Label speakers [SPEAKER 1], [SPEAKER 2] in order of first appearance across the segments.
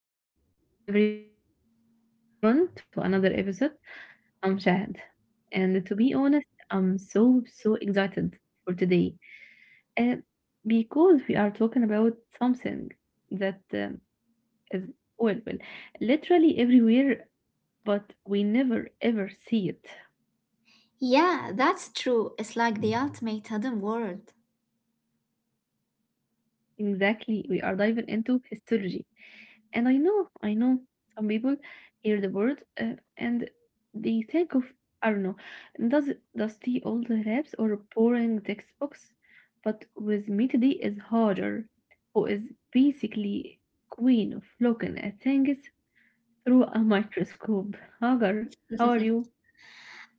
[SPEAKER 1] Welcome everyone to another episode. I'm Shahad. And to be honest, I'm so, so excited for today. Uh, because we are talking about something that is, well, well, literally everywhere, but we never ever see it.
[SPEAKER 2] Yeah, that's true. It's like the ultimate hidden world.
[SPEAKER 1] Exactly, we are diving into histology. And I know some people hear the word and they think of, I don't know, does dusty old labs or boring textbooks. But with me today is harder, who is basically queen of looking at things through a microscope. Hagar, how are you?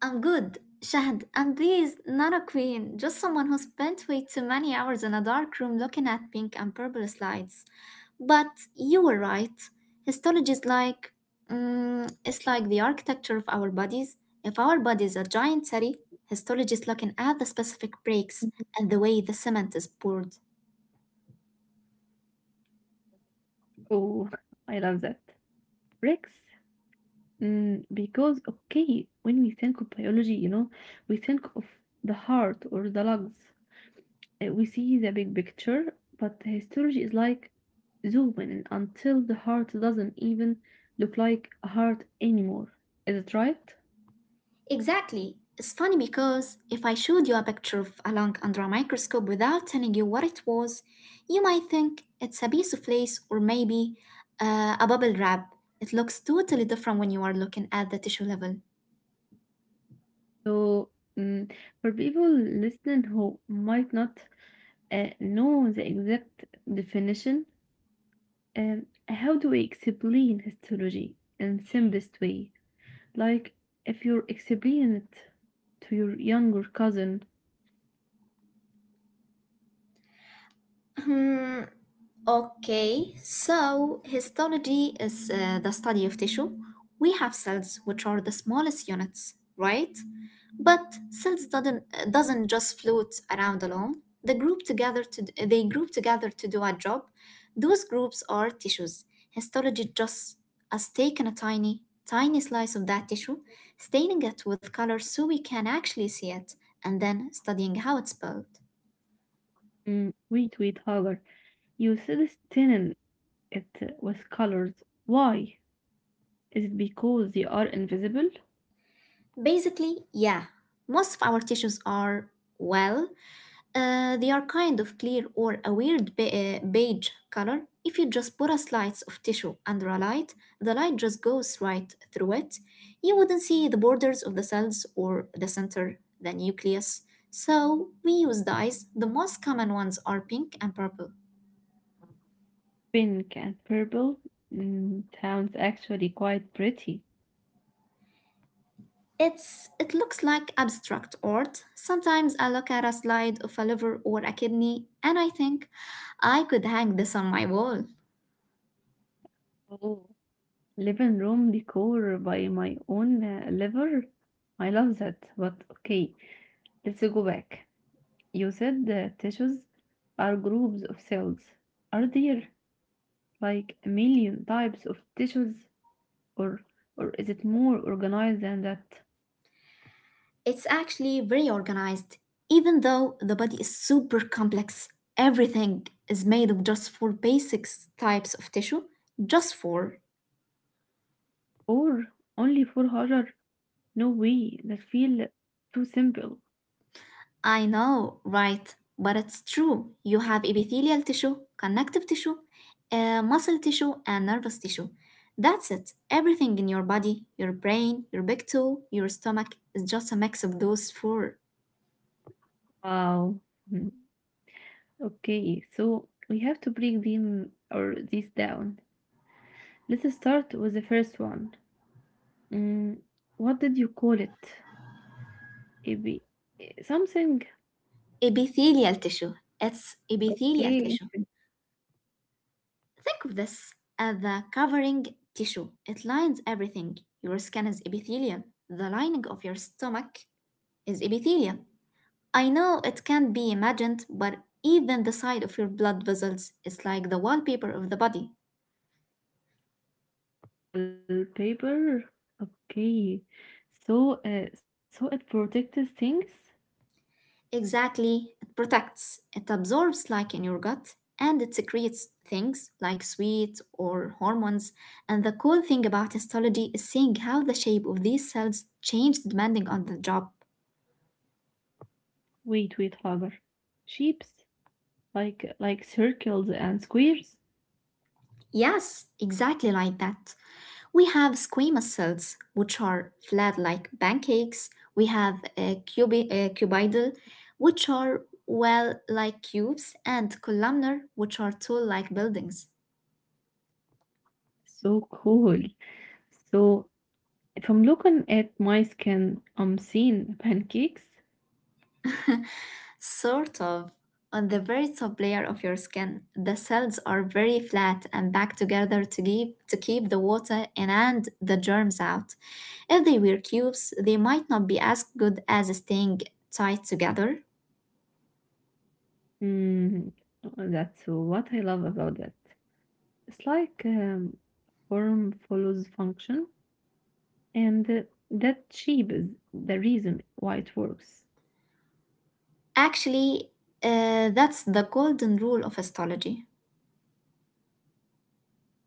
[SPEAKER 2] I'm good, Shahd. I'm please, not a queen, just someone who spent way too many hours in a dark room looking at pink and purple slides. But you were right. Histology is like, it's like the architecture of our bodies. If our body is a giant city, histology is looking at the specific breaks and the way the cement is poured.
[SPEAKER 1] Oh, I love that. Bricks? Because, okay, when we think of biology, we think of the heart or the lungs. We see the big picture, but histology is like zooming in until the heart doesn't even look like a heart anymore. Is it right?
[SPEAKER 2] Exactly. It's funny because if I showed you a picture of a lung under a microscope without telling you what it was, you might think it's a piece of lace or maybe a bubble wrap. It looks totally different when you are looking at the tissue level.
[SPEAKER 1] So, mm, for people listening who might not know the exact definition, how do we explain histology in simplest way? Like if you explain it to your younger cousin,
[SPEAKER 2] Okay, so histology is the study of tissue. We have cells, which are the smallest units, right? But cells doesn't just float around alone. They group together to do a job. Those groups are tissues. Histology just has taken a tiny, tiny slice of that tissue, staining it with color so we can actually see it, and then studying how it's built.
[SPEAKER 1] wait, wait, Hagar, you said it's thinning it with colors. Why? Is it because they are invisible?
[SPEAKER 2] Basically, yeah, most of our tissues are, well, they are kind of clear or a weird beige color. If you just put a slice of tissue under a light, the light just goes right through it. You wouldn't see the borders of the cells or the center, the nucleus. So we use dyes. The most common ones are pink and purple.
[SPEAKER 1] Pink and purple sounds actually quite pretty.
[SPEAKER 2] It's it looks like abstract art. Sometimes I look at a slide of a liver or a kidney and I think I could hang this on my wall.
[SPEAKER 1] Oh, living room decor by my own liver. I love that. But okay, let's go back. You said that tissues are groups of cells. Are there like a million types of tissues or is it more organized than that?
[SPEAKER 2] It's actually very organized. Even though the body is super complex, everything is made of just four basic types of tissue, just four.
[SPEAKER 1] Or only 400? No way, that feel too simple.
[SPEAKER 2] I know, right? But it's true. You have epithelial tissue, connective tissue, muscle tissue, and nervous tissue. That's it. Everything in your body, your brain, your big toe, your stomach is just a mix of those four.
[SPEAKER 1] Wow. Hmm. Okay, so we have to break them or these down. Let's start with the first one. Mm, what did you call it? Maybe something.
[SPEAKER 2] Epithelial tissue. It's epithelial
[SPEAKER 1] Okay,
[SPEAKER 2] tissue. Think of this as the covering tissue. It lines everything. Your skin is epithelial. The lining of your stomach is epithelial. I know it can't be imagined, but even the side of your blood vessels is like the wallpaper of the body.
[SPEAKER 1] wallpaper? Okay. So it protects things.
[SPEAKER 2] Exactly, it protects, it absorbs like in your gut, and it secretes things like sweat or hormones. And the cool thing about histology is seeing how the shape of these cells change depending on the job.
[SPEAKER 1] Wait, wait, Hagar. Shapes like circles and squares.
[SPEAKER 2] Yes, exactly like that. We have squamous cells, which are flat like pancakes. We have cuboidal, which are well like cubes, and columnar, which are tall like buildings.
[SPEAKER 1] So cool. So if I'm looking at my skin, I'm seeing pancakes.
[SPEAKER 2] Sort of. On the very top layer of your skin, the cells are very flat and packed together to keep the water in and the germs out. If they were cubes, they might not be as good as staying tight together.
[SPEAKER 1] Mm, that's what I love about that. It's like form follows function, and that shape is the reason why it works.
[SPEAKER 2] Actually, that's the golden rule of histology.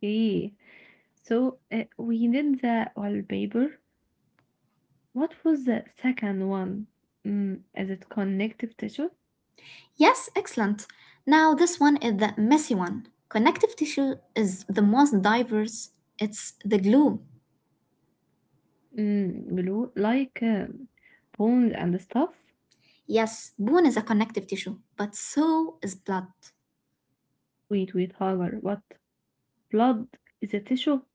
[SPEAKER 1] Okay. So, we did the wallpaper. What was the second one? Mm, is it connective tissue?
[SPEAKER 2] Yes, excellent. Now, this one is the messy one. Connective tissue is the most diverse, it's the glue.
[SPEAKER 1] Glue, like bone and stuff?
[SPEAKER 2] Yes, bone is a connective tissue, but so is blood.
[SPEAKER 1] Wait, wait, Hagar, what? Blood is a tissue?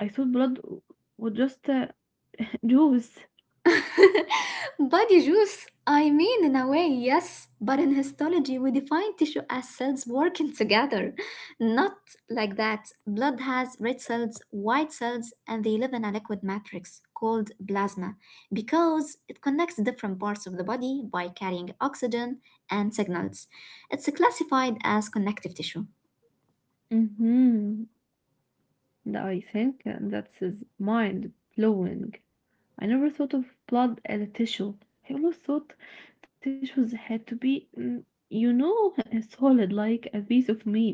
[SPEAKER 1] I thought blood would just juice.
[SPEAKER 2] Body juice? I mean, in a way, yes, but in histology, we define tissue as cells working together. Not like that. Blood has red cells, white cells, and they live in a liquid matrix called plasma because it connects different parts of the body by carrying oxygen and signals. It's classified as connective tissue.
[SPEAKER 1] Mm-hmm. I think that's is mind blowing. I never thought of blood as a tissue. I always thought tissues had to be, you know, solid like a piece of meat.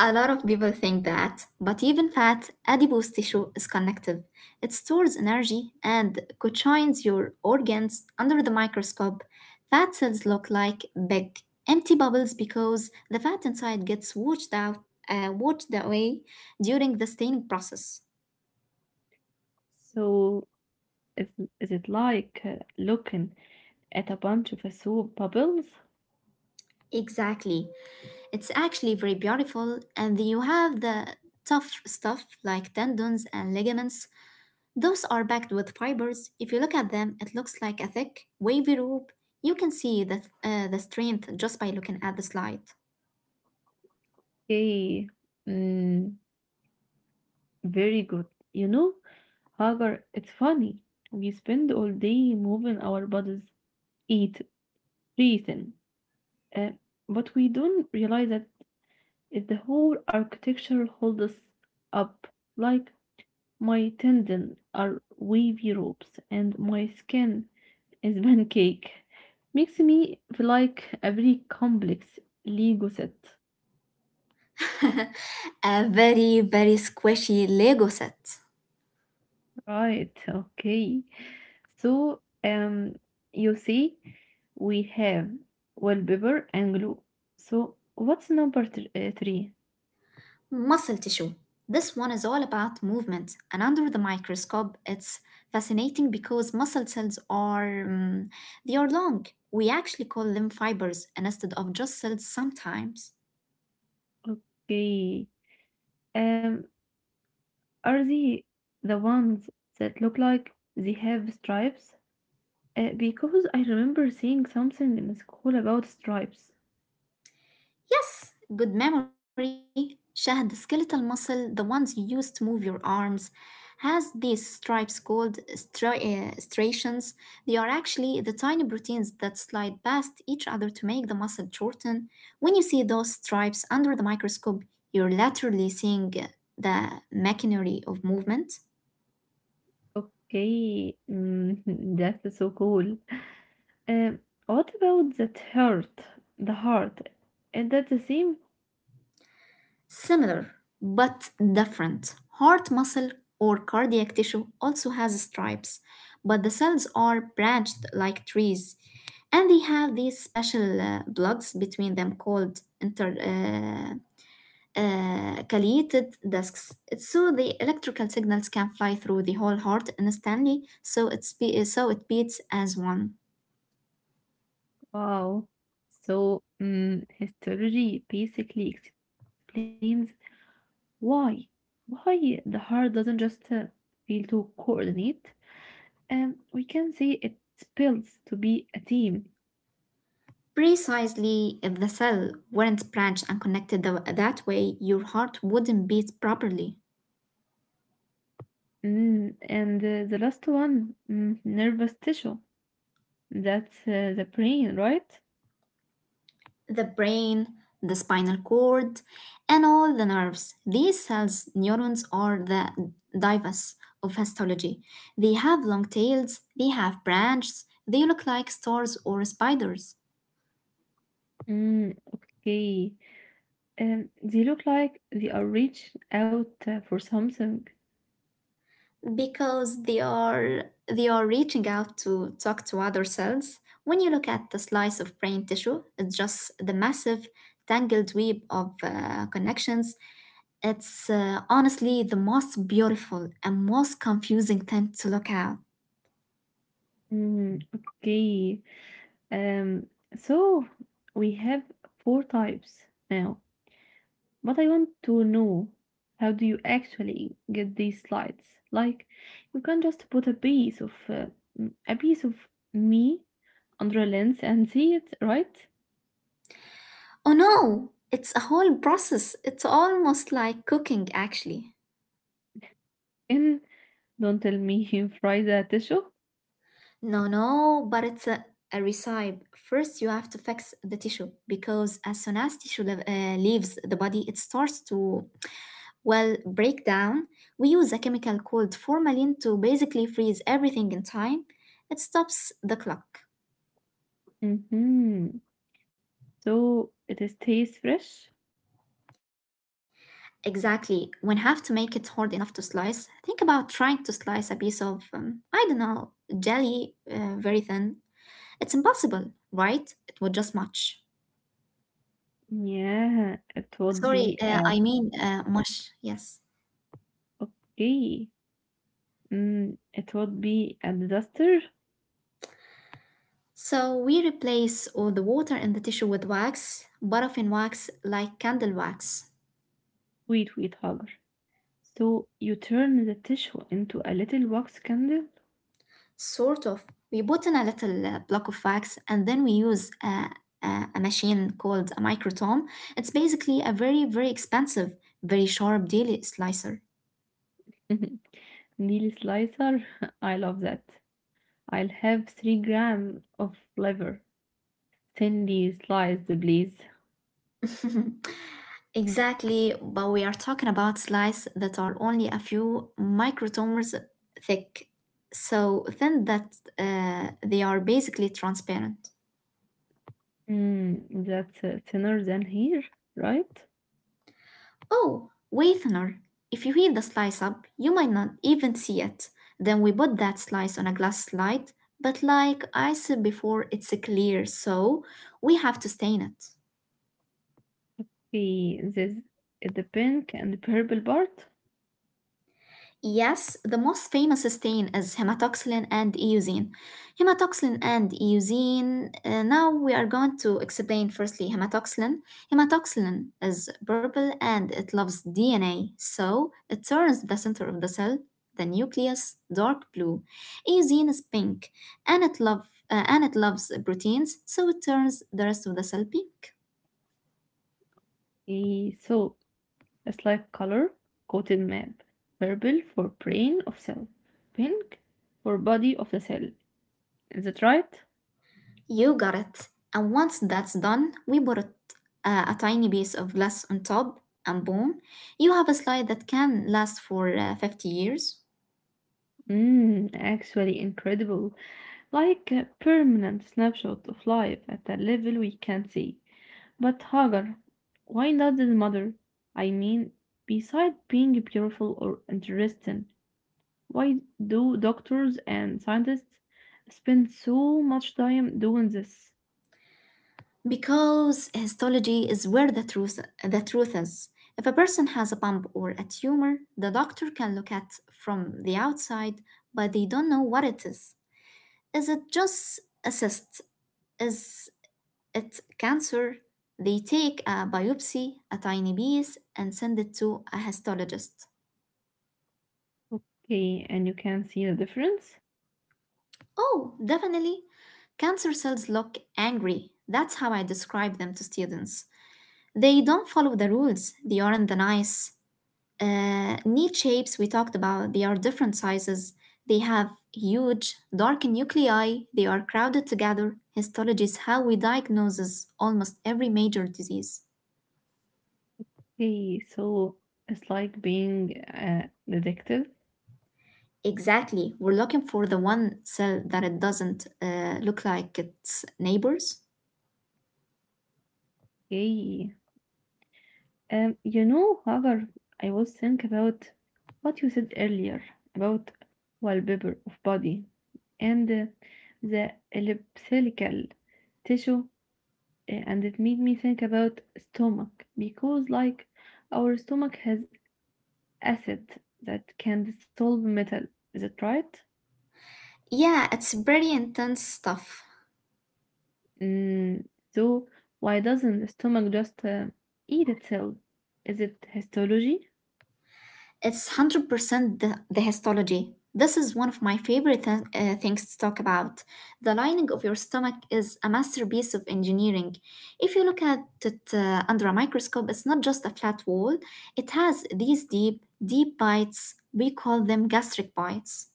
[SPEAKER 2] A lot of people think that, but even fat, adipose tissue is connective. It stores energy and cojoins your organs under the microscope. Fat cells look like big, empty bubbles because the fat inside gets washed away during the staining process.
[SPEAKER 1] So is, is it like looking at a bunch of soap bubbles?
[SPEAKER 2] Exactly. It's actually very beautiful, and you have the tough stuff like tendons and ligaments. Those are packed with fibers. If you look at them, it looks like a thick, wavy rope. You can see the strength just by looking at the slide.
[SPEAKER 1] Okay, mm, very good. You know, Hagar, it's funny. We spend all day moving our bodies, eating. Reason. Uh, but we don't realize that if the whole architecture holds us up, like my tendons are wavy ropes and my skin is pancake, makes me feel like a very complex Lego set.
[SPEAKER 2] A very, very squishy Lego set.
[SPEAKER 1] Right, okay. So, you see, we have wallpaper and glue. So, what's number three?
[SPEAKER 2] Muscle tissue. This one is all about movement, and under the microscope, it's fascinating because muscle cells are they are long. We actually call them fibers instead of just cells sometimes.
[SPEAKER 1] Okay. Um, are they the ones that look like they have stripes? Because I remember seeing something in school about stripes.
[SPEAKER 2] Yes, good memory. Shahad, the skeletal muscle, the ones you use to move your arms, has these stripes called striations. They are actually the tiny proteins that slide past each other to make the muscle shorten. When you see those stripes under the microscope, you're literally seeing the machinery of movement.
[SPEAKER 1] Okay, that's so cool. Um, what about that heart? The heart? Is that the same?
[SPEAKER 2] Similar but different. Heart muscle or cardiac tissue also has stripes, but the cells are branched like trees, and they have these special plugs between them called inter. Ciliated discs. It's so the electrical signals can fly through the whole heart instantly, so it beats as one.
[SPEAKER 1] Wow. So, histology basically explains why why the heart doesn't just feel to coordinate. We can say it spills to be a team.
[SPEAKER 2] Precisely, if the cell weren't branched and connected that way, your heart wouldn't beat properly.
[SPEAKER 1] And the last one, nervous tissue. That's the brain, right?
[SPEAKER 2] The brain, the spinal cord, and all the nerves. These cells, neurons, are the divas of histology. They have long tails, they have branches, they look like stars or spiders
[SPEAKER 1] Okay. They look like they are reaching out for something.
[SPEAKER 2] because they are reaching out to talk to other cells. When you look at the slice of brain tissue, it's just the massive tangled web of connections. It's honestly the most beautiful and most confusing thing to look at.
[SPEAKER 1] Okay. Um, so we have four types now. But I want to know how do you actually get these slides? Like, you can just put a piece of a piece of me under a lens and see it, right?
[SPEAKER 2] Oh no, it's a whole process. It's almost like cooking, actually.
[SPEAKER 1] And don't tell me you fry the tissue.
[SPEAKER 2] No, no, but it's a recipe. First, you have to fix the tissue because as soon as tissue leaves the body, it starts to, well, break down. We use a chemical called formalin to basically freeze everything in time. It stops the clock.
[SPEAKER 1] Mm-hmm. So it is taste fresh?
[SPEAKER 2] Exactly. When have to make it hard enough to slice, think about trying to slice a piece of, I don't know, jelly very thin. It's impossible, right? It would just match.
[SPEAKER 1] Yeah, it would
[SPEAKER 2] Sorry,
[SPEAKER 1] be a
[SPEAKER 2] I mean mush, yes.
[SPEAKER 1] okay. It would be a disaster.
[SPEAKER 2] So we replace all the water in the tissue with wax, paraffin wax, like candle wax.
[SPEAKER 1] Wait, wait, Hagar. So you turn the tissue into a little wax candle?
[SPEAKER 2] Sort of. We put in a little block of wax and then we use a, a machine called a microtome. It's basically a very, very expensive, very sharp daily slicer.
[SPEAKER 1] Neil Slicer, I love that. I'll have 3 grams of liver, thinly sliced, please.
[SPEAKER 2] Exactly, but we are talking about slices that are only a few microtomers thick, so thin that they are basically transparent.
[SPEAKER 1] That's thinner than here, right?
[SPEAKER 2] Oh, way thinner. If you heat the slice up, you might not even see it. Then we put that slice on a glass slide, but like I said before, it's clear, so we have to stain it.
[SPEAKER 1] Okay, this is the pink and the purple part.
[SPEAKER 2] Yes, the most famous stain is hematoxylin and eosine. Hematoxylin and eosine. Now we are going to explain firstly hematoxylin. Hematoxylin is purple and it loves DNA, so it turns the center of the cell, the nucleus, dark blue. Eosine is pink and it love and it loves proteins, so it turns the rest of the cell pink.
[SPEAKER 1] Okay, so a slight color coated map. Purple for brain of cell, pink for body of the cell. Is that right?
[SPEAKER 2] You got it. And once that's done, we put it, a tiny piece of glass on top, and boom, you have a slide that can last for 50 years.
[SPEAKER 1] Actually incredible. Like a permanent snapshot of life at a level we can't see. But Hagar, why not the mother? I mean, besides being beautiful or interesting, why do doctors and scientists spend so much time doing this?
[SPEAKER 2] Because histology is where the truth is. If a person has a bump or a tumor, the doctor can look at from the outside, but they don't know what it is. Is it just a cyst? Is it cancer? They take a biopsy, a tiny piece, and send it to a histologist.
[SPEAKER 1] Okay, and you can see the difference?
[SPEAKER 2] Oh, definitely. Cancer cells look angry. That's how I describe them to students. They don't follow the rules. They aren't the nice, neat shapes we talked about. They are different sizes. They have huge, dark nuclei. They are crowded together. Histology is how we diagnose almost every major disease.
[SPEAKER 1] Okay, so it's like being a detective.
[SPEAKER 2] Exactly. We're looking for the one cell that it doesn't look like its neighbors.
[SPEAKER 1] Okay, you know, Hagar, I was think about what you said earlier about wallpaper of body and the elliptical tissue, and it made me think about stomach because, like, our stomach has acid that can dissolve metal. Is it right?
[SPEAKER 2] Yeah, it's pretty intense stuff.
[SPEAKER 1] Mm, so why doesn't the stomach just eat itself? Is it histology,
[SPEAKER 2] It's 100% the histology. This is one of my favorite things to talk about. The lining of your stomach is a masterpiece of engineering. If you look at it under a microscope, it's not just a flat wall, it has these deep, deep bites. We call them gastric bites.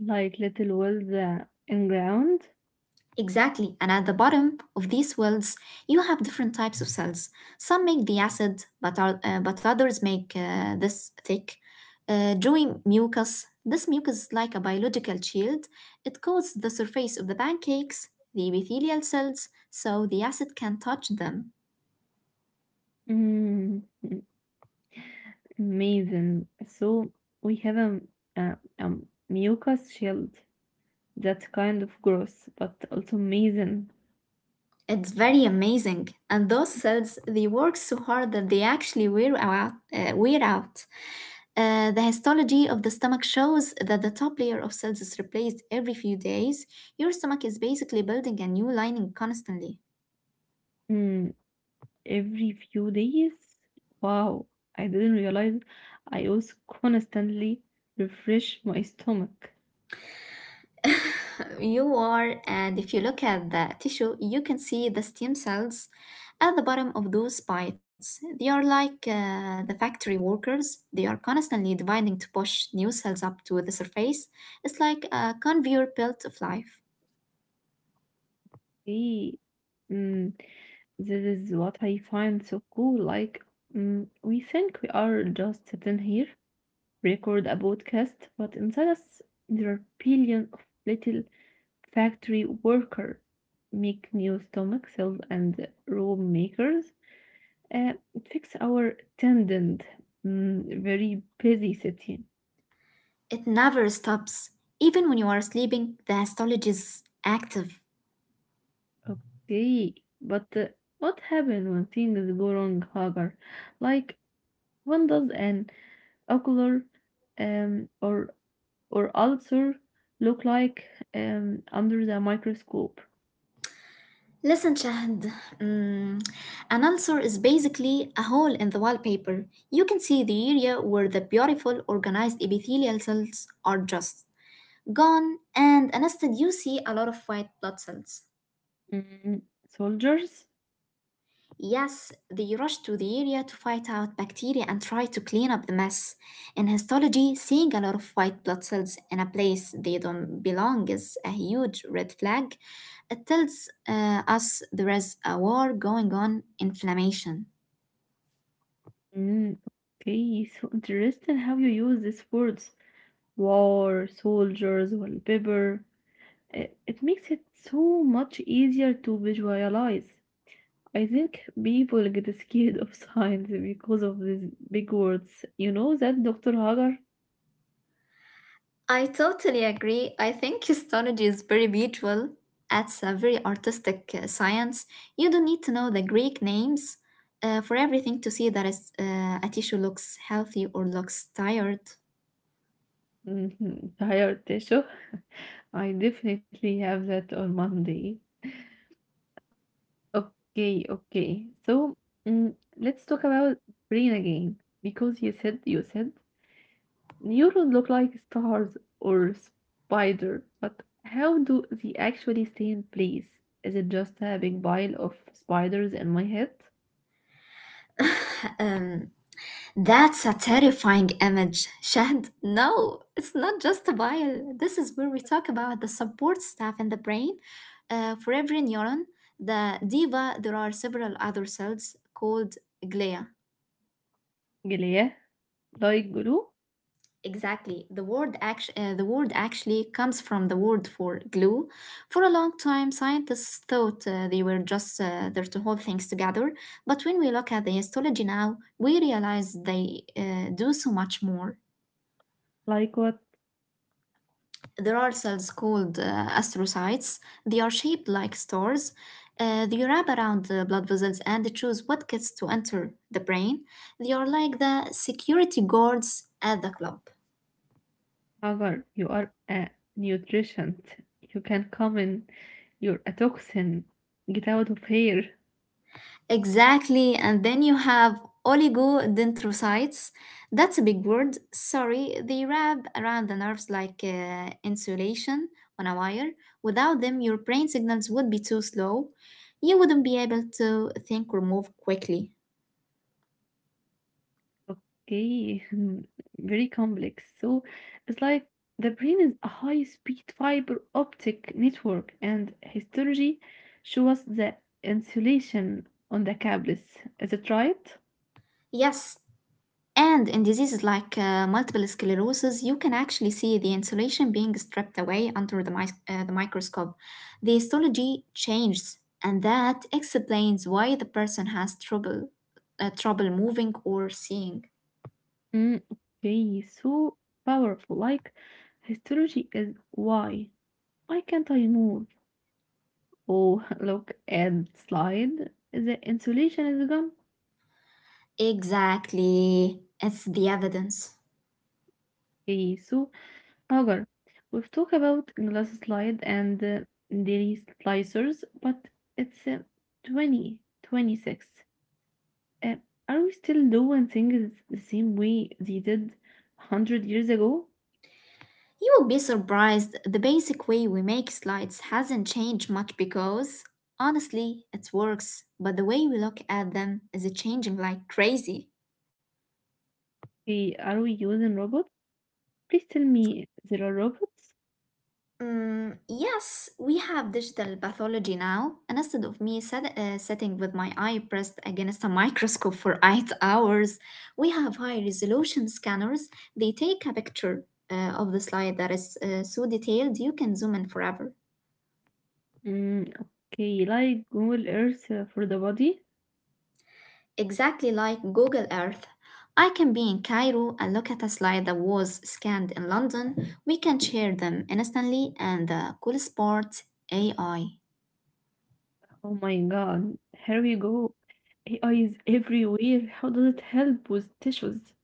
[SPEAKER 1] like little wells in ground?
[SPEAKER 2] Exactly, and at the bottom of these wells, you have different types of cells. Some make the acid, but others make this thick, dewy mucus. This mucus is like a biological shield. It coats the surface of the pancakes, the epithelial cells, so the acid can touch them.
[SPEAKER 1] Mm, m- amazing. So we have a mucus shield. That's kind of gross, but also amazing.
[SPEAKER 2] It's very amazing, and those cells they work so hard that they actually wear out. The histology of the stomach shows that the top layer of cells is replaced every few days. Your stomach is basically building a new lining constantly.
[SPEAKER 1] Mm, every few days. Wow, I didn't realize I was constantly refresh my stomach.
[SPEAKER 2] You are, and if you look at the tissue, you can see the stem cells at the bottom of those spikes. They are like the factory workers. They are constantly dividing to push new cells up to the surface. It's like a conveyor belt of life,
[SPEAKER 1] Okay. Mm, this is what I find so cool. Like, we think we are just sitting here, record a podcast, but inside us there are billion of little factory worker, make new stomach cells and robe makers, uh, fix our tendon, very busy city.
[SPEAKER 2] it never stops. Even when you are sleeping, the histology is active.
[SPEAKER 1] Okay, but what happens when things go wrong, Hagar? Like, when does an ocular um, or or ulcer look like under the microscope?
[SPEAKER 2] Listen, Shahid, mm, an ulcer is basically a hole in the wallpaper. You can see the area where the beautiful, organized epithelial cells are just gone, and instead you see a lot of white blood cells.
[SPEAKER 1] Mm, Soldiers?
[SPEAKER 2] Yes, they rush to the area to fight out bacteria and try to clean up the mess. In histology, seeing a lot of white blood cells in a place they don't belong is a huge red flag. It tells us there is a war going on, inflammation.
[SPEAKER 1] Mm, okay, so interesting how you use these words. War, soldiers, wallpaper. It makes it so much easier to visualize. I think people get scared of science because of these big words. You know that Dr. Hagar?
[SPEAKER 2] I totally agree. I think histology is very visual. It's a very artistic science. You don't need to know the Greek names for everything to see that a tissue looks healthy or looks tired.
[SPEAKER 1] Mhm, Hayar Tesho I definitely have that on Monday. Okay, okay. So, let's talk about brain again because you said neurons look like stars or spider, but how do they actually stay in place? Is it just a big pile of spiders in my head?
[SPEAKER 2] um, that's a terrifying image, Shad. No, it's not just a bile. This is where we talk about the support staff in the brain. For every neuron, the diva, there are several other cells called glia.
[SPEAKER 1] Yeah, like glue?
[SPEAKER 2] Exactly. The word actually comes from the word for glue. For a long time, scientists thought they were just there to hold things together. But when we look at the histology now, we realize they do so much more.
[SPEAKER 1] Like what
[SPEAKER 2] There are cells called astrocytes. They are shaped like stars. They wrap around the blood vessels and choose what gets to enter the brain. They are like the security guards at the club.
[SPEAKER 1] other? You are a nutritionist. You can come in. You're a toxin. Get out of here.
[SPEAKER 2] Exactly. And then you have oligodendrocytes. That's a big word. Sorry. They wrap around the nerves like insulation on a wire. Without them, your brain signals would be too slow. You wouldn't be able to think or move quickly.
[SPEAKER 1] Okay, very complex. So it's like the brain is a high-speed fiber optic network, and histology show us the insulation on the cables. Is it right?
[SPEAKER 2] Yes. And in diseases like multiple sclerosis, you can actually see the insulation being stripped away under the microscope. The histology changes, and that explains why the person has trouble moving or seeing.
[SPEAKER 1] Mm, okay, so powerful. Like histology is why. Why can't I move? Oh, look at slide. The insulation is gone.
[SPEAKER 2] Exactly, it's the evidence.
[SPEAKER 1] Okay, so Hagar, we've talked about glass slide and daily slicers, but it's 20, 26. Uh, are we still doing things the same way they did 100 years ago?
[SPEAKER 2] You will be surprised the basic way we make slides hasn't changed much because, honestly, it works, but the way we look at them is changing like crazy.
[SPEAKER 1] Okay, are we using robots? Please tell me there are robots.
[SPEAKER 2] Mm, yes, we have digital pathology now. And instead of me sitting with my eye pressed against a microscope for 8 hours, we have high resolution scanners. They take a picture of the slide that is so detailed you can zoom in forever.
[SPEAKER 1] Mm, okay, like Google Earth for the body.
[SPEAKER 2] Exactly like Google Earth. I can be in Cairo and look at a slide that was scanned in London. We can share them instantly, and the coolest part, AI.
[SPEAKER 1] Oh my god, here we go. AI is everywhere. How does it help with tissues?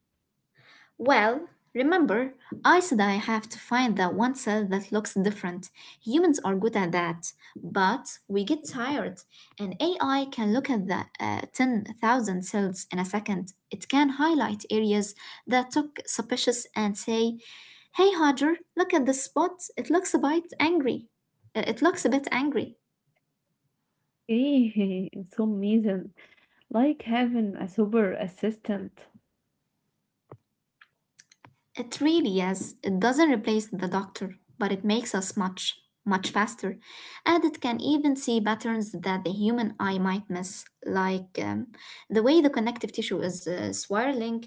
[SPEAKER 2] Well, remember, I said I have to find that one cell that looks different. Humans are good at that, but we get tired, and AI can look at the 10,000 cells in a second. It can highlight areas that look suspicious and say, hey, Hodger, look at this spot. It looks a bit angry. Uh, It looks a bit angry.
[SPEAKER 1] Okay, so amazing. Like having a super assistant.
[SPEAKER 2] It really is. It doesn't replace the doctor, but it makes us much, much faster. And it can even see patterns that the human eye might miss, like the way the connective tissue is swirling.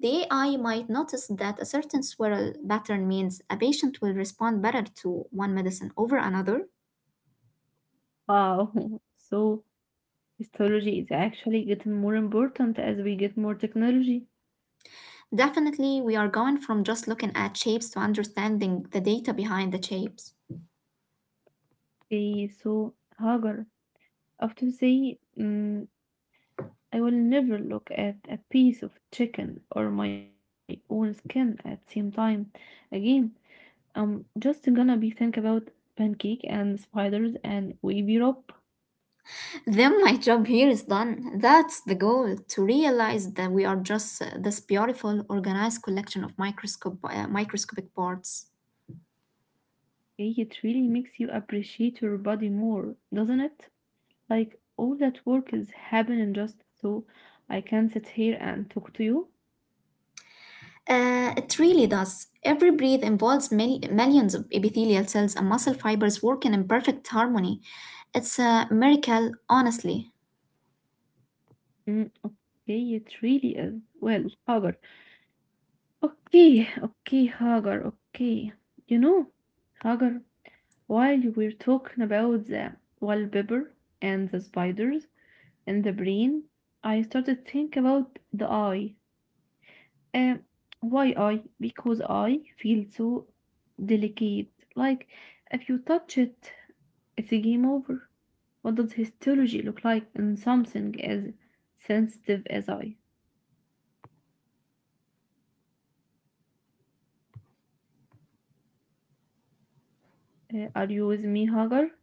[SPEAKER 2] The AI might notice that a certain swirl pattern means a patient will respond better to one medicine over another.
[SPEAKER 1] Wow. So histology is actually getting more important as we get more technology.
[SPEAKER 2] Definitely, we are going from just looking at shapes to understanding the data behind the shapes.
[SPEAKER 1] Okay, so Hagar, after say, I will never look at a piece of chicken or my own skin at same time again. I'm just gonna be think about pancake and spiders and wavy rope.
[SPEAKER 2] Then my job here is done. That's the goal, to realize that we are just this beautiful, organized collection of microscopic parts.
[SPEAKER 1] Okay, it really makes you appreciate your body more, doesn't it? Like all that work is happening just so I can sit here and talk to you.
[SPEAKER 2] It really does. Every breath involves millions of epithelial cells and muscle fibers working in perfect harmony. It's a miracle, honestly.
[SPEAKER 1] Okay, it really is. Well, Hagar. Okay, okay, Hagar. Okay, you know, Hagar. While you were talking about the wallpaper and the spiders, in the brain, I started think about the eye. Um, why eye? Because I feel so delicate. Like if you touch it, it's a game over. What does histology look like in something as sensitive as I? Are you with me, Hagar?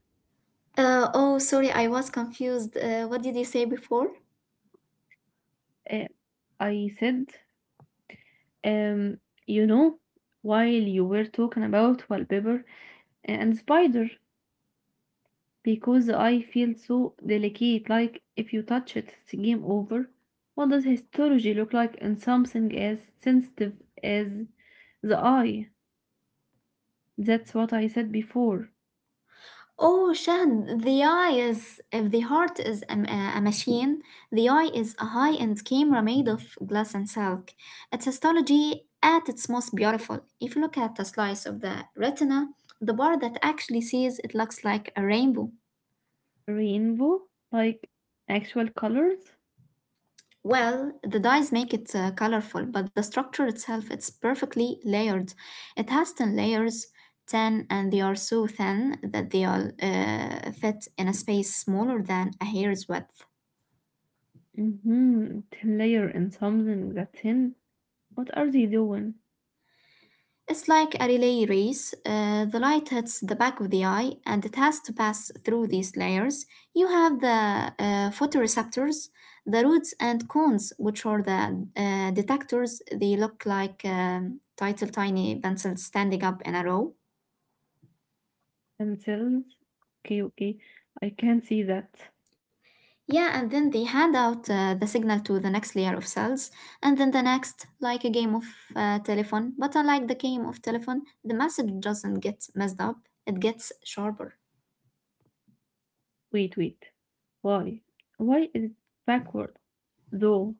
[SPEAKER 2] Oh, sorry, I was confused. What did you say before?
[SPEAKER 1] Uh, I said, um, you know, while you were talking about wallpaper and spider, because I feel so delicate, like if you touch it, it's game over. What does histology look like in something as sensitive as the eye? That's what I said before.
[SPEAKER 2] Oh, Shahan, the eye is. If the heart is a machine, the eye is a high end camera made of glass and silk. It's astrology at its most beautiful. If you look at a slice of the retina, the bar that actually sees it looks like a rainbow.
[SPEAKER 1] Rainbow? Like actual colors?
[SPEAKER 2] Well, the dyes make it colorful, but the structure itself it's perfectly layered. It has 10 layers, 10, and they are so thin that they all fit in a space smaller than a hair's width.
[SPEAKER 1] Mm-hmm. Thin layer in something that's thin. What are they doing?
[SPEAKER 2] It's like a relay race. The light hits the back of the eye and it has to pass through these layers. You have the photoreceptors, the roots and cones, which are the detectors. They look like title tiny pencils standing up in a row.
[SPEAKER 1] Themselves? Okay, okay. I can see that.
[SPEAKER 2] Yeah, and then they hand out the signal to the next layer of cells, and then the next, like a game of telephone. But unlike the game of telephone, the message doesn't get messed up, it gets sharper.
[SPEAKER 1] Wait, wait. Why? Why is it backward? Though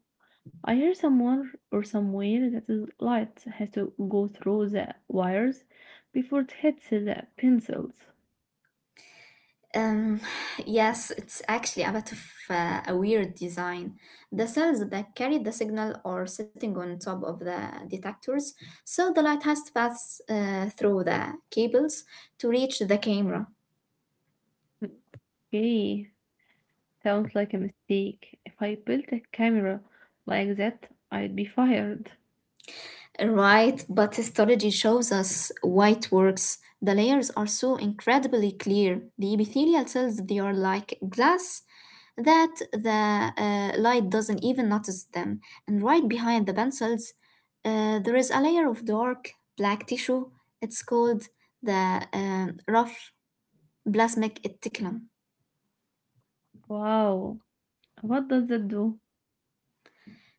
[SPEAKER 1] I hear someone or somewhere that the light has to go through the wires before it hits the pencils.
[SPEAKER 2] Um, yes, it's actually a bit of a weird design. The cells that carry the signal are sitting on top of the detectors, so the light has to pass through the cables to reach the camera.
[SPEAKER 1] Okay, sounds like a mistake. If I built a camera like that, I'd be fired.
[SPEAKER 2] Right, but histology shows us white works. The layers are so incredibly clear. The epithelial cells, they are like glass that the light doesn't even notice them. And right behind the band cells, there is a layer of dark black tissue. It's called the rough plasmic reticulum.
[SPEAKER 1] Wow, what does that do?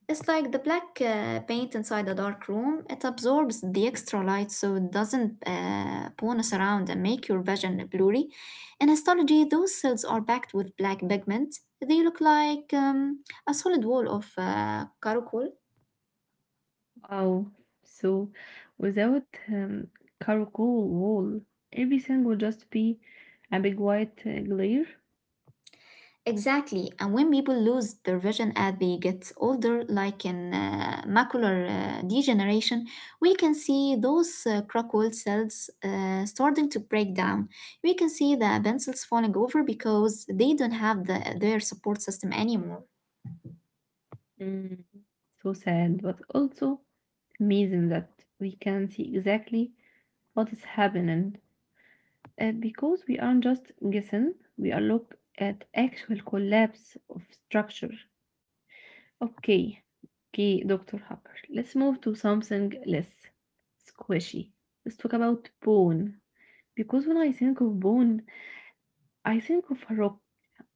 [SPEAKER 2] It's like the black paint inside a dark room. It absorbs the extra light so it doesn't bonus around and make your vision blurry. In histology, those cells are packed with black pigment. They look like a solid wall of charcoal.
[SPEAKER 1] Wow. So without charcoal wall, everything will just be a big white glare.
[SPEAKER 2] Exactly. And when people lose their vision as they get older, like in macular degeneration, we can see those crockwell cells starting to break down. We can see the pencils falling over because they don't have their support system anymore.
[SPEAKER 1] Mm, so sad, but also amazing that we can see exactly what is happening. Because we aren't just guessing, we are look at actual collapse of structure. Okay, okay, Dr. Hopper. Let's move to something less squishy. Let's talk about bone. Because when I think of bone, I think of a rock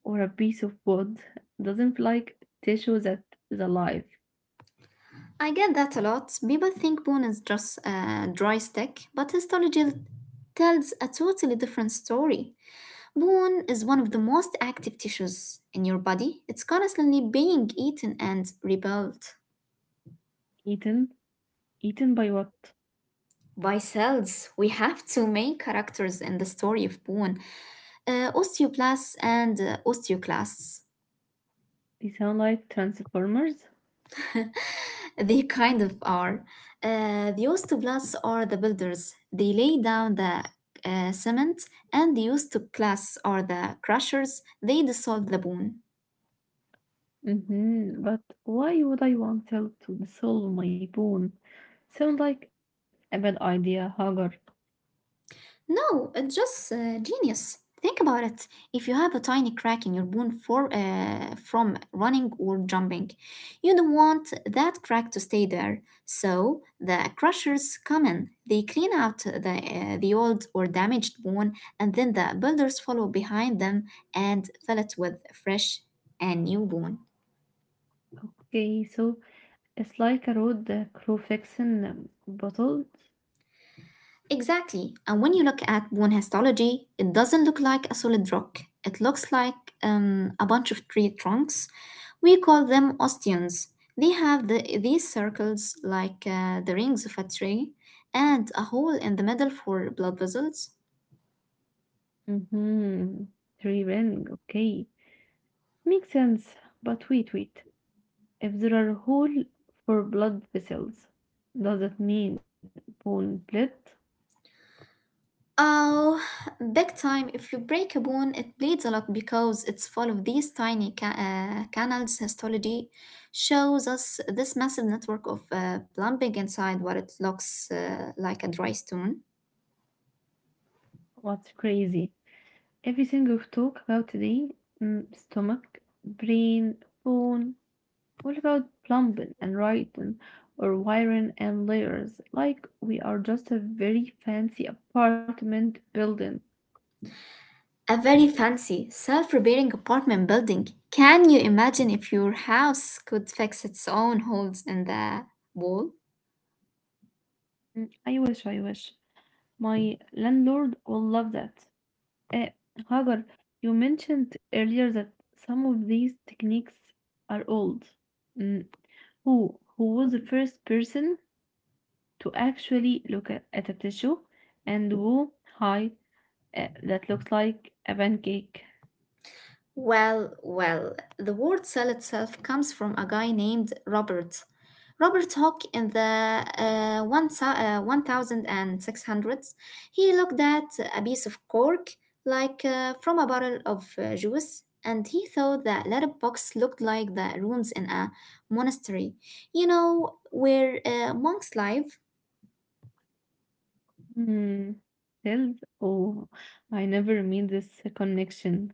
[SPEAKER 1] or a piece of wood. Doesn't feel like tissue that is alive.
[SPEAKER 2] I get that a lot. People think bone is just a dry stick, but histology tells a totally different story. Bone is one of the most active tissues in your body. It's constantly being eaten and rebuilt
[SPEAKER 1] Eaten? Eaten by what?
[SPEAKER 2] by cells. We have two main characters in the story of bone, osteoblasts and osteoclasts.
[SPEAKER 1] They sound like transformers.
[SPEAKER 2] They kind of are. The osteoblasts are the builders, they lay down the cement, and the osteoclasts are the crushers, they dissolve the bone.
[SPEAKER 1] Mm-hmm. But why would I want cell to dissolve my bone? Sound like a bad idea, Hagar.
[SPEAKER 2] No, it's just genius. Think about it. If you have a tiny crack in your bone from running or jumping, you don't want that crack to stay there. So the crushers come in. They clean out the old or damaged bone, and then the builders follow behind them and fill it with fresh and new bone.
[SPEAKER 1] Okay, so it's like a road crow fixing bottle.
[SPEAKER 2] Exactly. And when you look at bone histology, it doesn't look like a solid rock. It looks like a bunch of tree trunks. We call them osteons. They have these circles like the rings of a tree and a hole in the middle for blood vessels.
[SPEAKER 1] Mhm. Three ring, okay. Makes sense. But wait, wait. If there are hole for blood vessels, does it mean bone bled?
[SPEAKER 2] Oh, big time. If you break a bone, it bleeds a lot because it's full of these tiny canals. Histology shows us this massive network of plumbing inside what it looks like a dry stone.
[SPEAKER 1] What's crazy? Everything we've talked about today, mm, stomach, brain, bone. What about plumbing and writing or wiring and layers? Like we are just a very fancy apartment building.
[SPEAKER 2] A very fancy, self repairing apartment building. Can you imagine if your house could fix its own holes in the wall?
[SPEAKER 1] Mm, I wish, I wish. My landlord will love that. Uh, Hagar, you mentioned earlier that some of these techniques are old. Mm, Who was the first person to actually look at a tissue and do hi that looks like a pancake?
[SPEAKER 2] Well, the word cell itself comes from a guy named Robert. Robert Hooke in the 1600s, he looked at a piece of cork like from a bottle of juice and he thought that letterbox looked like the rooms in a monastery, you know, where monks live.
[SPEAKER 1] Hmm. Cells? Oh, I never made this connection.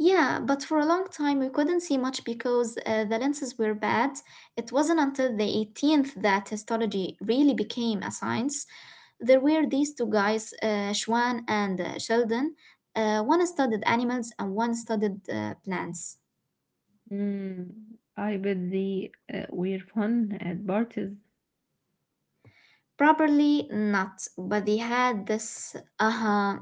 [SPEAKER 2] Yeah, but for a long time we couldn't see much because the lenses were bad. It wasn't until the 18th that histology really became a science. There were these two guys, Schwann and Sheldon. One studied animals and one studied plants.
[SPEAKER 1] Hmm. I bet they were fun at parties.
[SPEAKER 2] Properly, not, but they had this uh-huh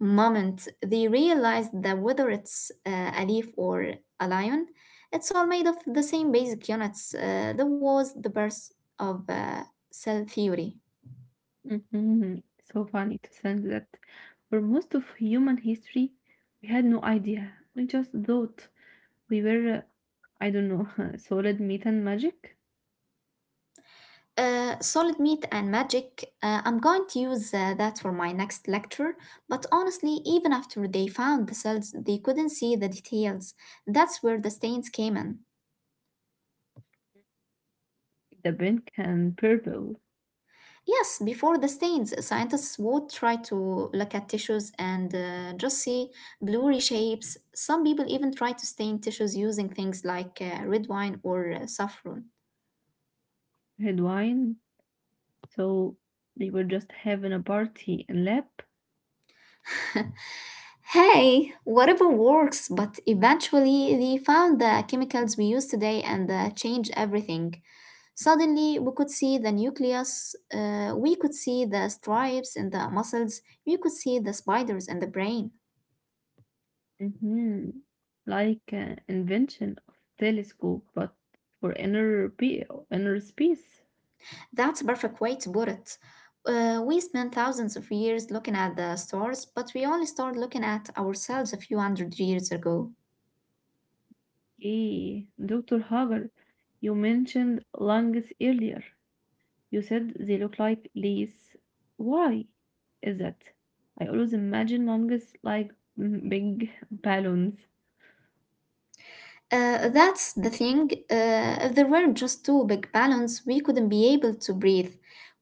[SPEAKER 2] moment they realized that whether it's a leaf or a lion, it's all made of the same basic units. That was the birth of cell theory.
[SPEAKER 1] Mhm. So funny to think that for most of human history, we had no idea. We just thought we were, I don't know, solid meat and magic,
[SPEAKER 2] Solid meat and magic. I'm going to use that for my next lecture, but honestly, even after they found the cells, they couldn't see the details. That's where the stains came in.
[SPEAKER 1] the pink and purple,
[SPEAKER 2] Yes, before the stains, scientists would try to look at tissues and just see blurry shapes. Some people even try to stain tissues using things like red wine or saffron.
[SPEAKER 1] red wine. So we were just having a party in lab.
[SPEAKER 2] Hey, whatever works, but eventually they found the chemicals we use today and changed everything. Suddenly, we could see the nucleus, we could see the stripes in the muscles, we could see the spiders in the brain.
[SPEAKER 1] Hmm. Like invention of telescope, but for inner, inner space.
[SPEAKER 2] That's a perfect way to put it. We spent thousands of years looking at the stars, but we only started looking at ourselves a few hundred years ago.
[SPEAKER 1] Hey, Dr. Hager, you mentioned lungs earlier. You said they look like leaves. Why is that? I always imagine longest like mm, big balloons.
[SPEAKER 2] That's the thing. If there were just two big balloons, we couldn't be able to breathe.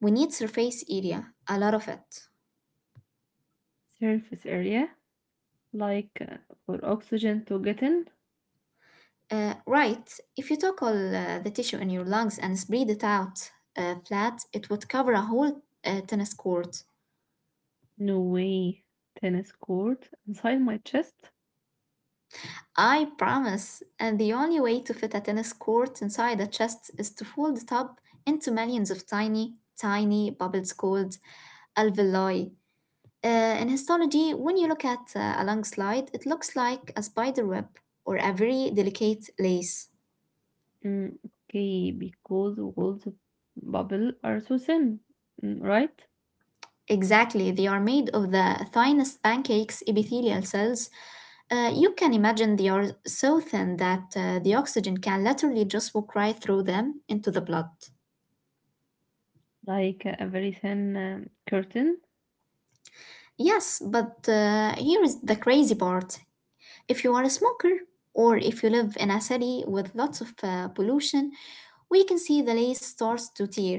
[SPEAKER 2] We need surface area, a lot of it.
[SPEAKER 1] Surface area, like for oxygen to get in.
[SPEAKER 2] Right, if you took all the tissue in your lungs and spread it out flat, it would cover a whole tennis court.
[SPEAKER 1] No way. Tennis court inside my chest.
[SPEAKER 2] I promise. And the only way to fit a tennis court inside a chest is to fold it up into millions of tiny, tiny bubbles called alveoli. Uh, in histology, when you look at a lung slide, it looks like a spider web or a very delicate lace.
[SPEAKER 1] Mm, okay, because walls of bubble are so thin, mm, right?
[SPEAKER 2] Exactly, they are made of the thinest pancakes epithelial cells. You can imagine they are so thin that the oxygen can literally just walk right through them into the blood.
[SPEAKER 1] Like a very thin curtain.
[SPEAKER 2] Yes, but here is the crazy part. If you are a smoker, or if you live in a city with lots of pollution, we can see the lace starts to tear,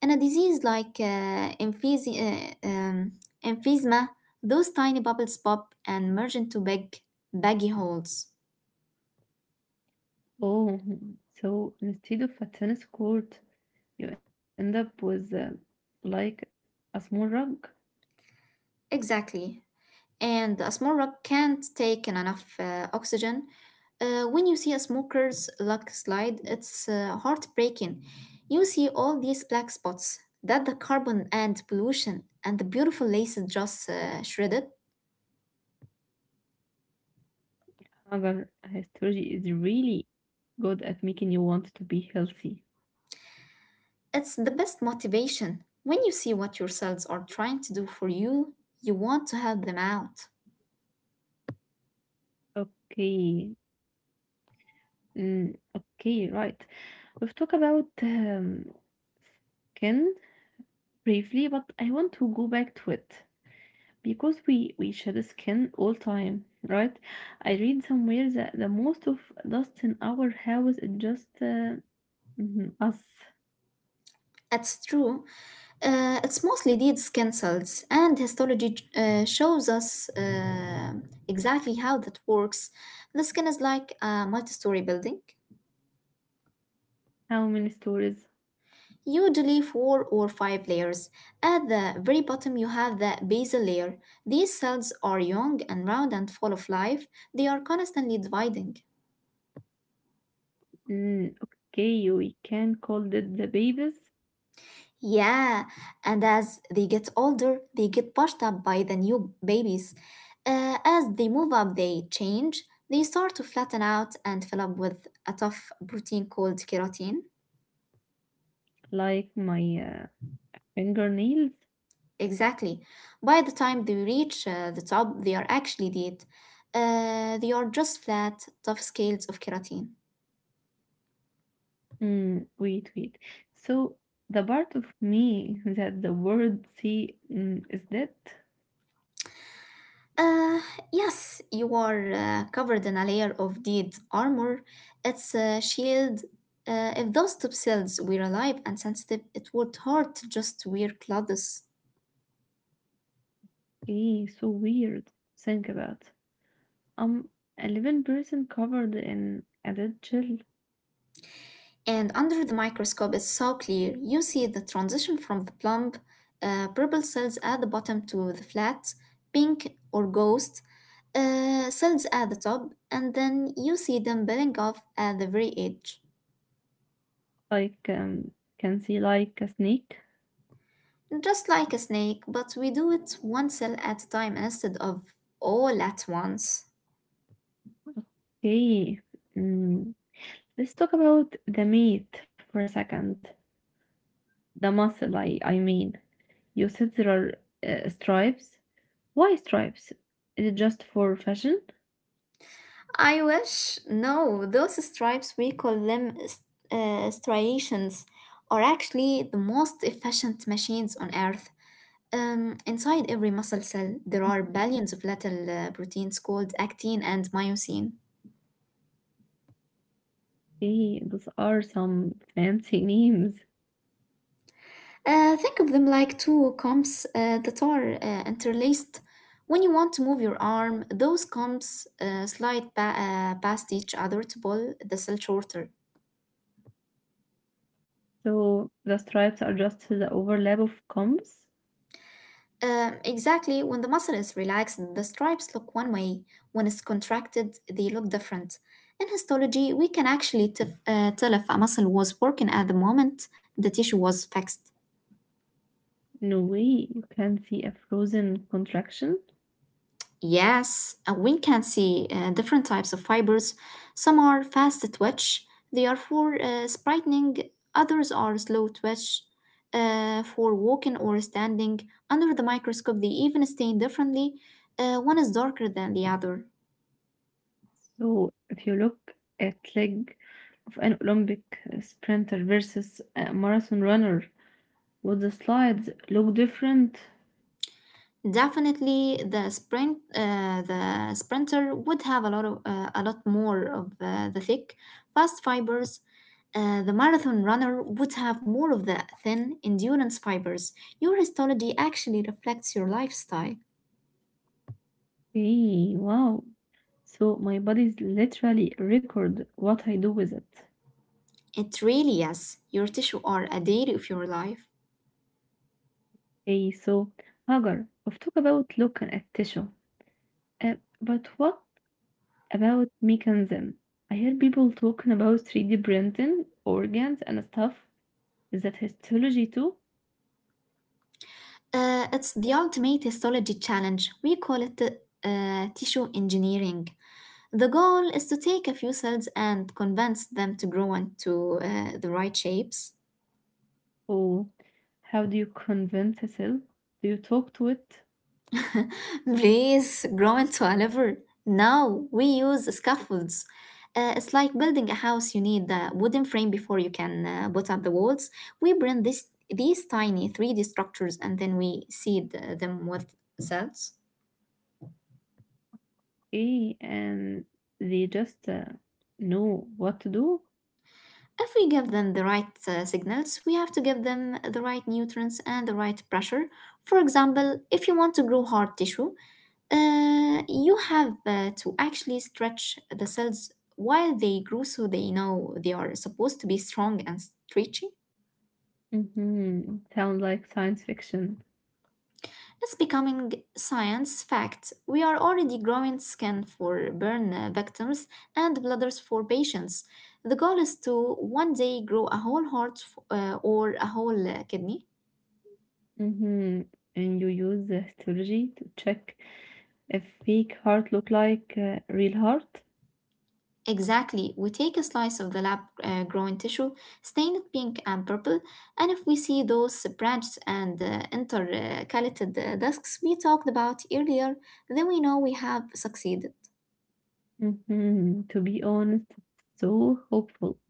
[SPEAKER 2] and a disease like emphysema, uh, um, emphysema, those tiny bubbles pop and merge into big, baggy holes.
[SPEAKER 1] Oh, so instead of a tennis court, you end up with like a small rug.
[SPEAKER 2] Exactly. And a small rock can't take in enough oxygen. When you see a smoker's lung slide, it's heartbreaking. You see all these black spots that the carbon and pollution and the beautiful laces just shredded.
[SPEAKER 1] However, astrology is really good at making you want to be healthy.
[SPEAKER 2] It's the best motivation. When you see what your cells are trying to do for you, you want to help them out.
[SPEAKER 1] Okay, mm, okay, right. We've talked about skin briefly, but I want to go back to it because we shed skin all time, right? I read somewhere that the most of dust in our house is just mhm, us.
[SPEAKER 2] That's true. It's mostly dead skin cells, and histology shows us exactly how that works. The skin is like a multi story building,
[SPEAKER 1] How many stories?
[SPEAKER 2] usually four or five layers. At the very bottom, you have the basal layer. These cells are young and round and full of life, they are constantly dividing.
[SPEAKER 1] Mm, okay, we can call it the babies,
[SPEAKER 2] Yeah, and as they get older, they get pushed up by the new babies. As they move up, they change. They start to flatten out and fill up with a tough protein called keratin.
[SPEAKER 1] like my fingernails.
[SPEAKER 2] Exactly. By the time they reach the top, they are actually dead. They are just flat, tough scales of keratin.
[SPEAKER 1] Mm, wait, wait. So the part of me that the world see mm, is dead.
[SPEAKER 2] Uh, yes, you are covered in a layer of dead armor. It's a shield. If those top cells were alive and sensitive, it would hurt just to wear clothes.
[SPEAKER 1] Eh, so weird. Think about. I'm a living person covered in a dead shell.
[SPEAKER 2] And under the microscope, it's so clear. You see the transition from the plump purple cells at the bottom to the flat pink or ghost cells at the top, and then you see them building off at the very edge.
[SPEAKER 1] Like can see like a snake.
[SPEAKER 2] Just like a snake, but we do it one cell at a time instead of all at once.
[SPEAKER 1] Okay. Mm. Let's talk about the meat for a second. The muscle, I mean. You said there are stripes. Why stripes? Is it just for fashion?
[SPEAKER 2] I wish, no, those stripes, we call them striations, are actually the most efficient machines on Earth. Inside every muscle cell,
[SPEAKER 1] Hey,
[SPEAKER 2] there are billions of little proteins called actin and myosin.
[SPEAKER 1] those are some fancy names.
[SPEAKER 2] Think of them like two comps that are interlaced. When you want to move your arm, those comps slide past each other to pull the cell shorter.
[SPEAKER 1] So the stripes are just the overlap of combs?
[SPEAKER 2] Exactly, when the muscle is relaxed, the stripes look one way. When it's contracted, they look different. In histology, we can actually tell if a muscle was working at the moment the tissue was fixed.
[SPEAKER 1] No way, you can see a frozen contraction?
[SPEAKER 2] Yes, we can see different types of fibers. Some are fast twitch, they are for sprightening, others are slow twitch for walking or standing. Under the microscope, they even stain differently. One is darker than the other.
[SPEAKER 1] So if you look at leg of an Olympic sprinter versus a marathon runner, would the slides look different?
[SPEAKER 2] Definitely, the sprinter would have a lot of a lot more of the thick, fast fibers. The marathon runner would have more of the thin endurance fibers. Your histology actually reflects your lifestyle.
[SPEAKER 1] Hey, wow. So my bodies literally record what I do with it.
[SPEAKER 2] It really is. Your tissue are a diary of your life.
[SPEAKER 1] Okay, so Hagar, we've talked about look and tissue, uh, but what about mechanism? I hear people talking about 3D printing, organs and stuff. Is that histology too?
[SPEAKER 2] It's the ultimate histology challenge. We call it tissue engineering. The goal is to take a few cells and convince them to grow into the right shapes.
[SPEAKER 1] Or how do you convince a cell? Do you talk to it?
[SPEAKER 2] Please grow into a liver. Now we use scaffolds. It's like building a house. You need the wooden frame before you can put up the walls. We bring this these tiny 3D structures and then we seed them with cells.
[SPEAKER 1] Okay, and they just know what to do?
[SPEAKER 2] If we give them the right signals, we have to give them the right nutrients and the right pressure. For example, if you want to grow hard tissue, you have to actually stretch the cells while they grow so they know they are supposed to be strong and stretchy.
[SPEAKER 1] Mm-hmm. Sound like science fiction.
[SPEAKER 2] It's becoming science fact. We are already growing skin for burn victims and bladders for patients. The goal is to one day grow a whole heart or a whole kidney.
[SPEAKER 1] Mhm. And you use the histology to check if fake heart look like real heart?
[SPEAKER 2] Exactly. We take a slice of the lab grown tissue, stain it pink and purple, and if we see those branched and intercalated discs we talked about earlier, then we know we have succeeded.
[SPEAKER 1] Mhm. To be honest, it's so hopeful.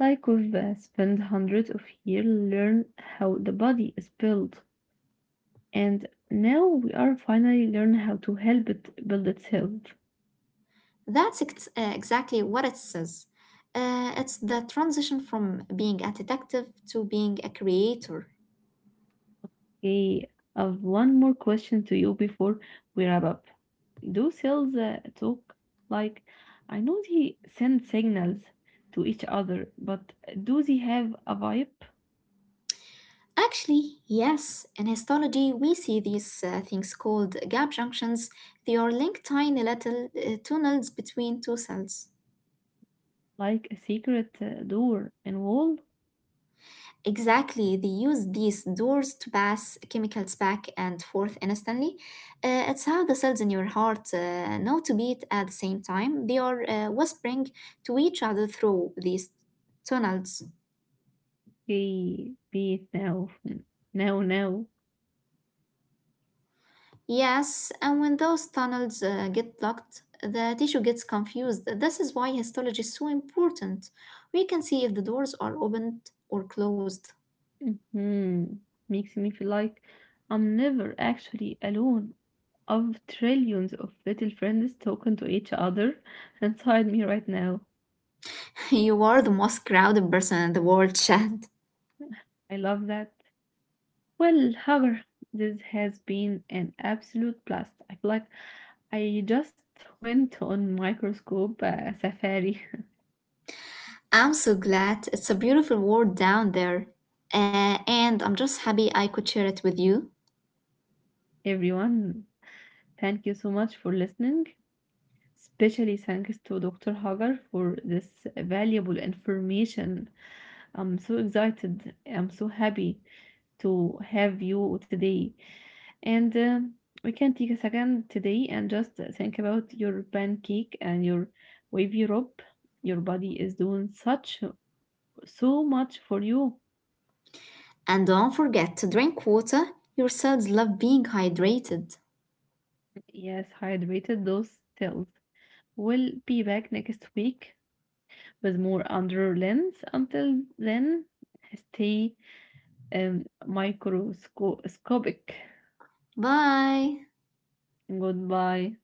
[SPEAKER 1] Like we've spent hundreds of years learn how the body is built, and now we are finally learn how to help it build itself.
[SPEAKER 2] Exactly what it says. It's the transition from being a detective to being a creator.
[SPEAKER 1] Okay, I have one more question to you before we wrap up. Do cells talk? Like, I know they send signals to each other, but do they have a vibe?
[SPEAKER 2] Actually, yes, in histology we see these things called gap junctions. They are linked tiny little tunnels between two cells.
[SPEAKER 1] Like a secret door and wall?
[SPEAKER 2] Exactly, they use these doors to pass chemicals back and forth instantly. It's how the cells in your heart know to beat at the same time. They are whispering to each other through these tunnels.
[SPEAKER 1] Okay, be it now. Mm, now, now.
[SPEAKER 2] Yes, and when those tunnels get blocked, the tissue gets confused. This is why histology is so important. We can see if the doors are opened or closed.
[SPEAKER 1] Hmm. Makes me feel like I'm never actually alone. Of trillions of little friends talking to each other inside me right now.
[SPEAKER 2] You are the most crowded person in the world, Chad.
[SPEAKER 1] I love that. Well, however, this has been an absolute blast. I feel like I just went on microscope safari.
[SPEAKER 2] I'm so glad. It's a beautiful world down there. And I'm just happy I could share it with you.
[SPEAKER 1] Everyone, thank you so much for listening. Especially thanks to Dr. Hagar for this valuable information. I'm so excited. I'm so happy to have you today. And we can take a second today and just think about your pancake and your wavy rope. Your body is doing such so much for you.
[SPEAKER 2] And don't forget to drink water. Your cells love being hydrated.
[SPEAKER 1] Yes, hydrated those cells. We'll be back next week with more under lens. Until then, stay microscopic.
[SPEAKER 2] Bye.
[SPEAKER 1] Goodbye.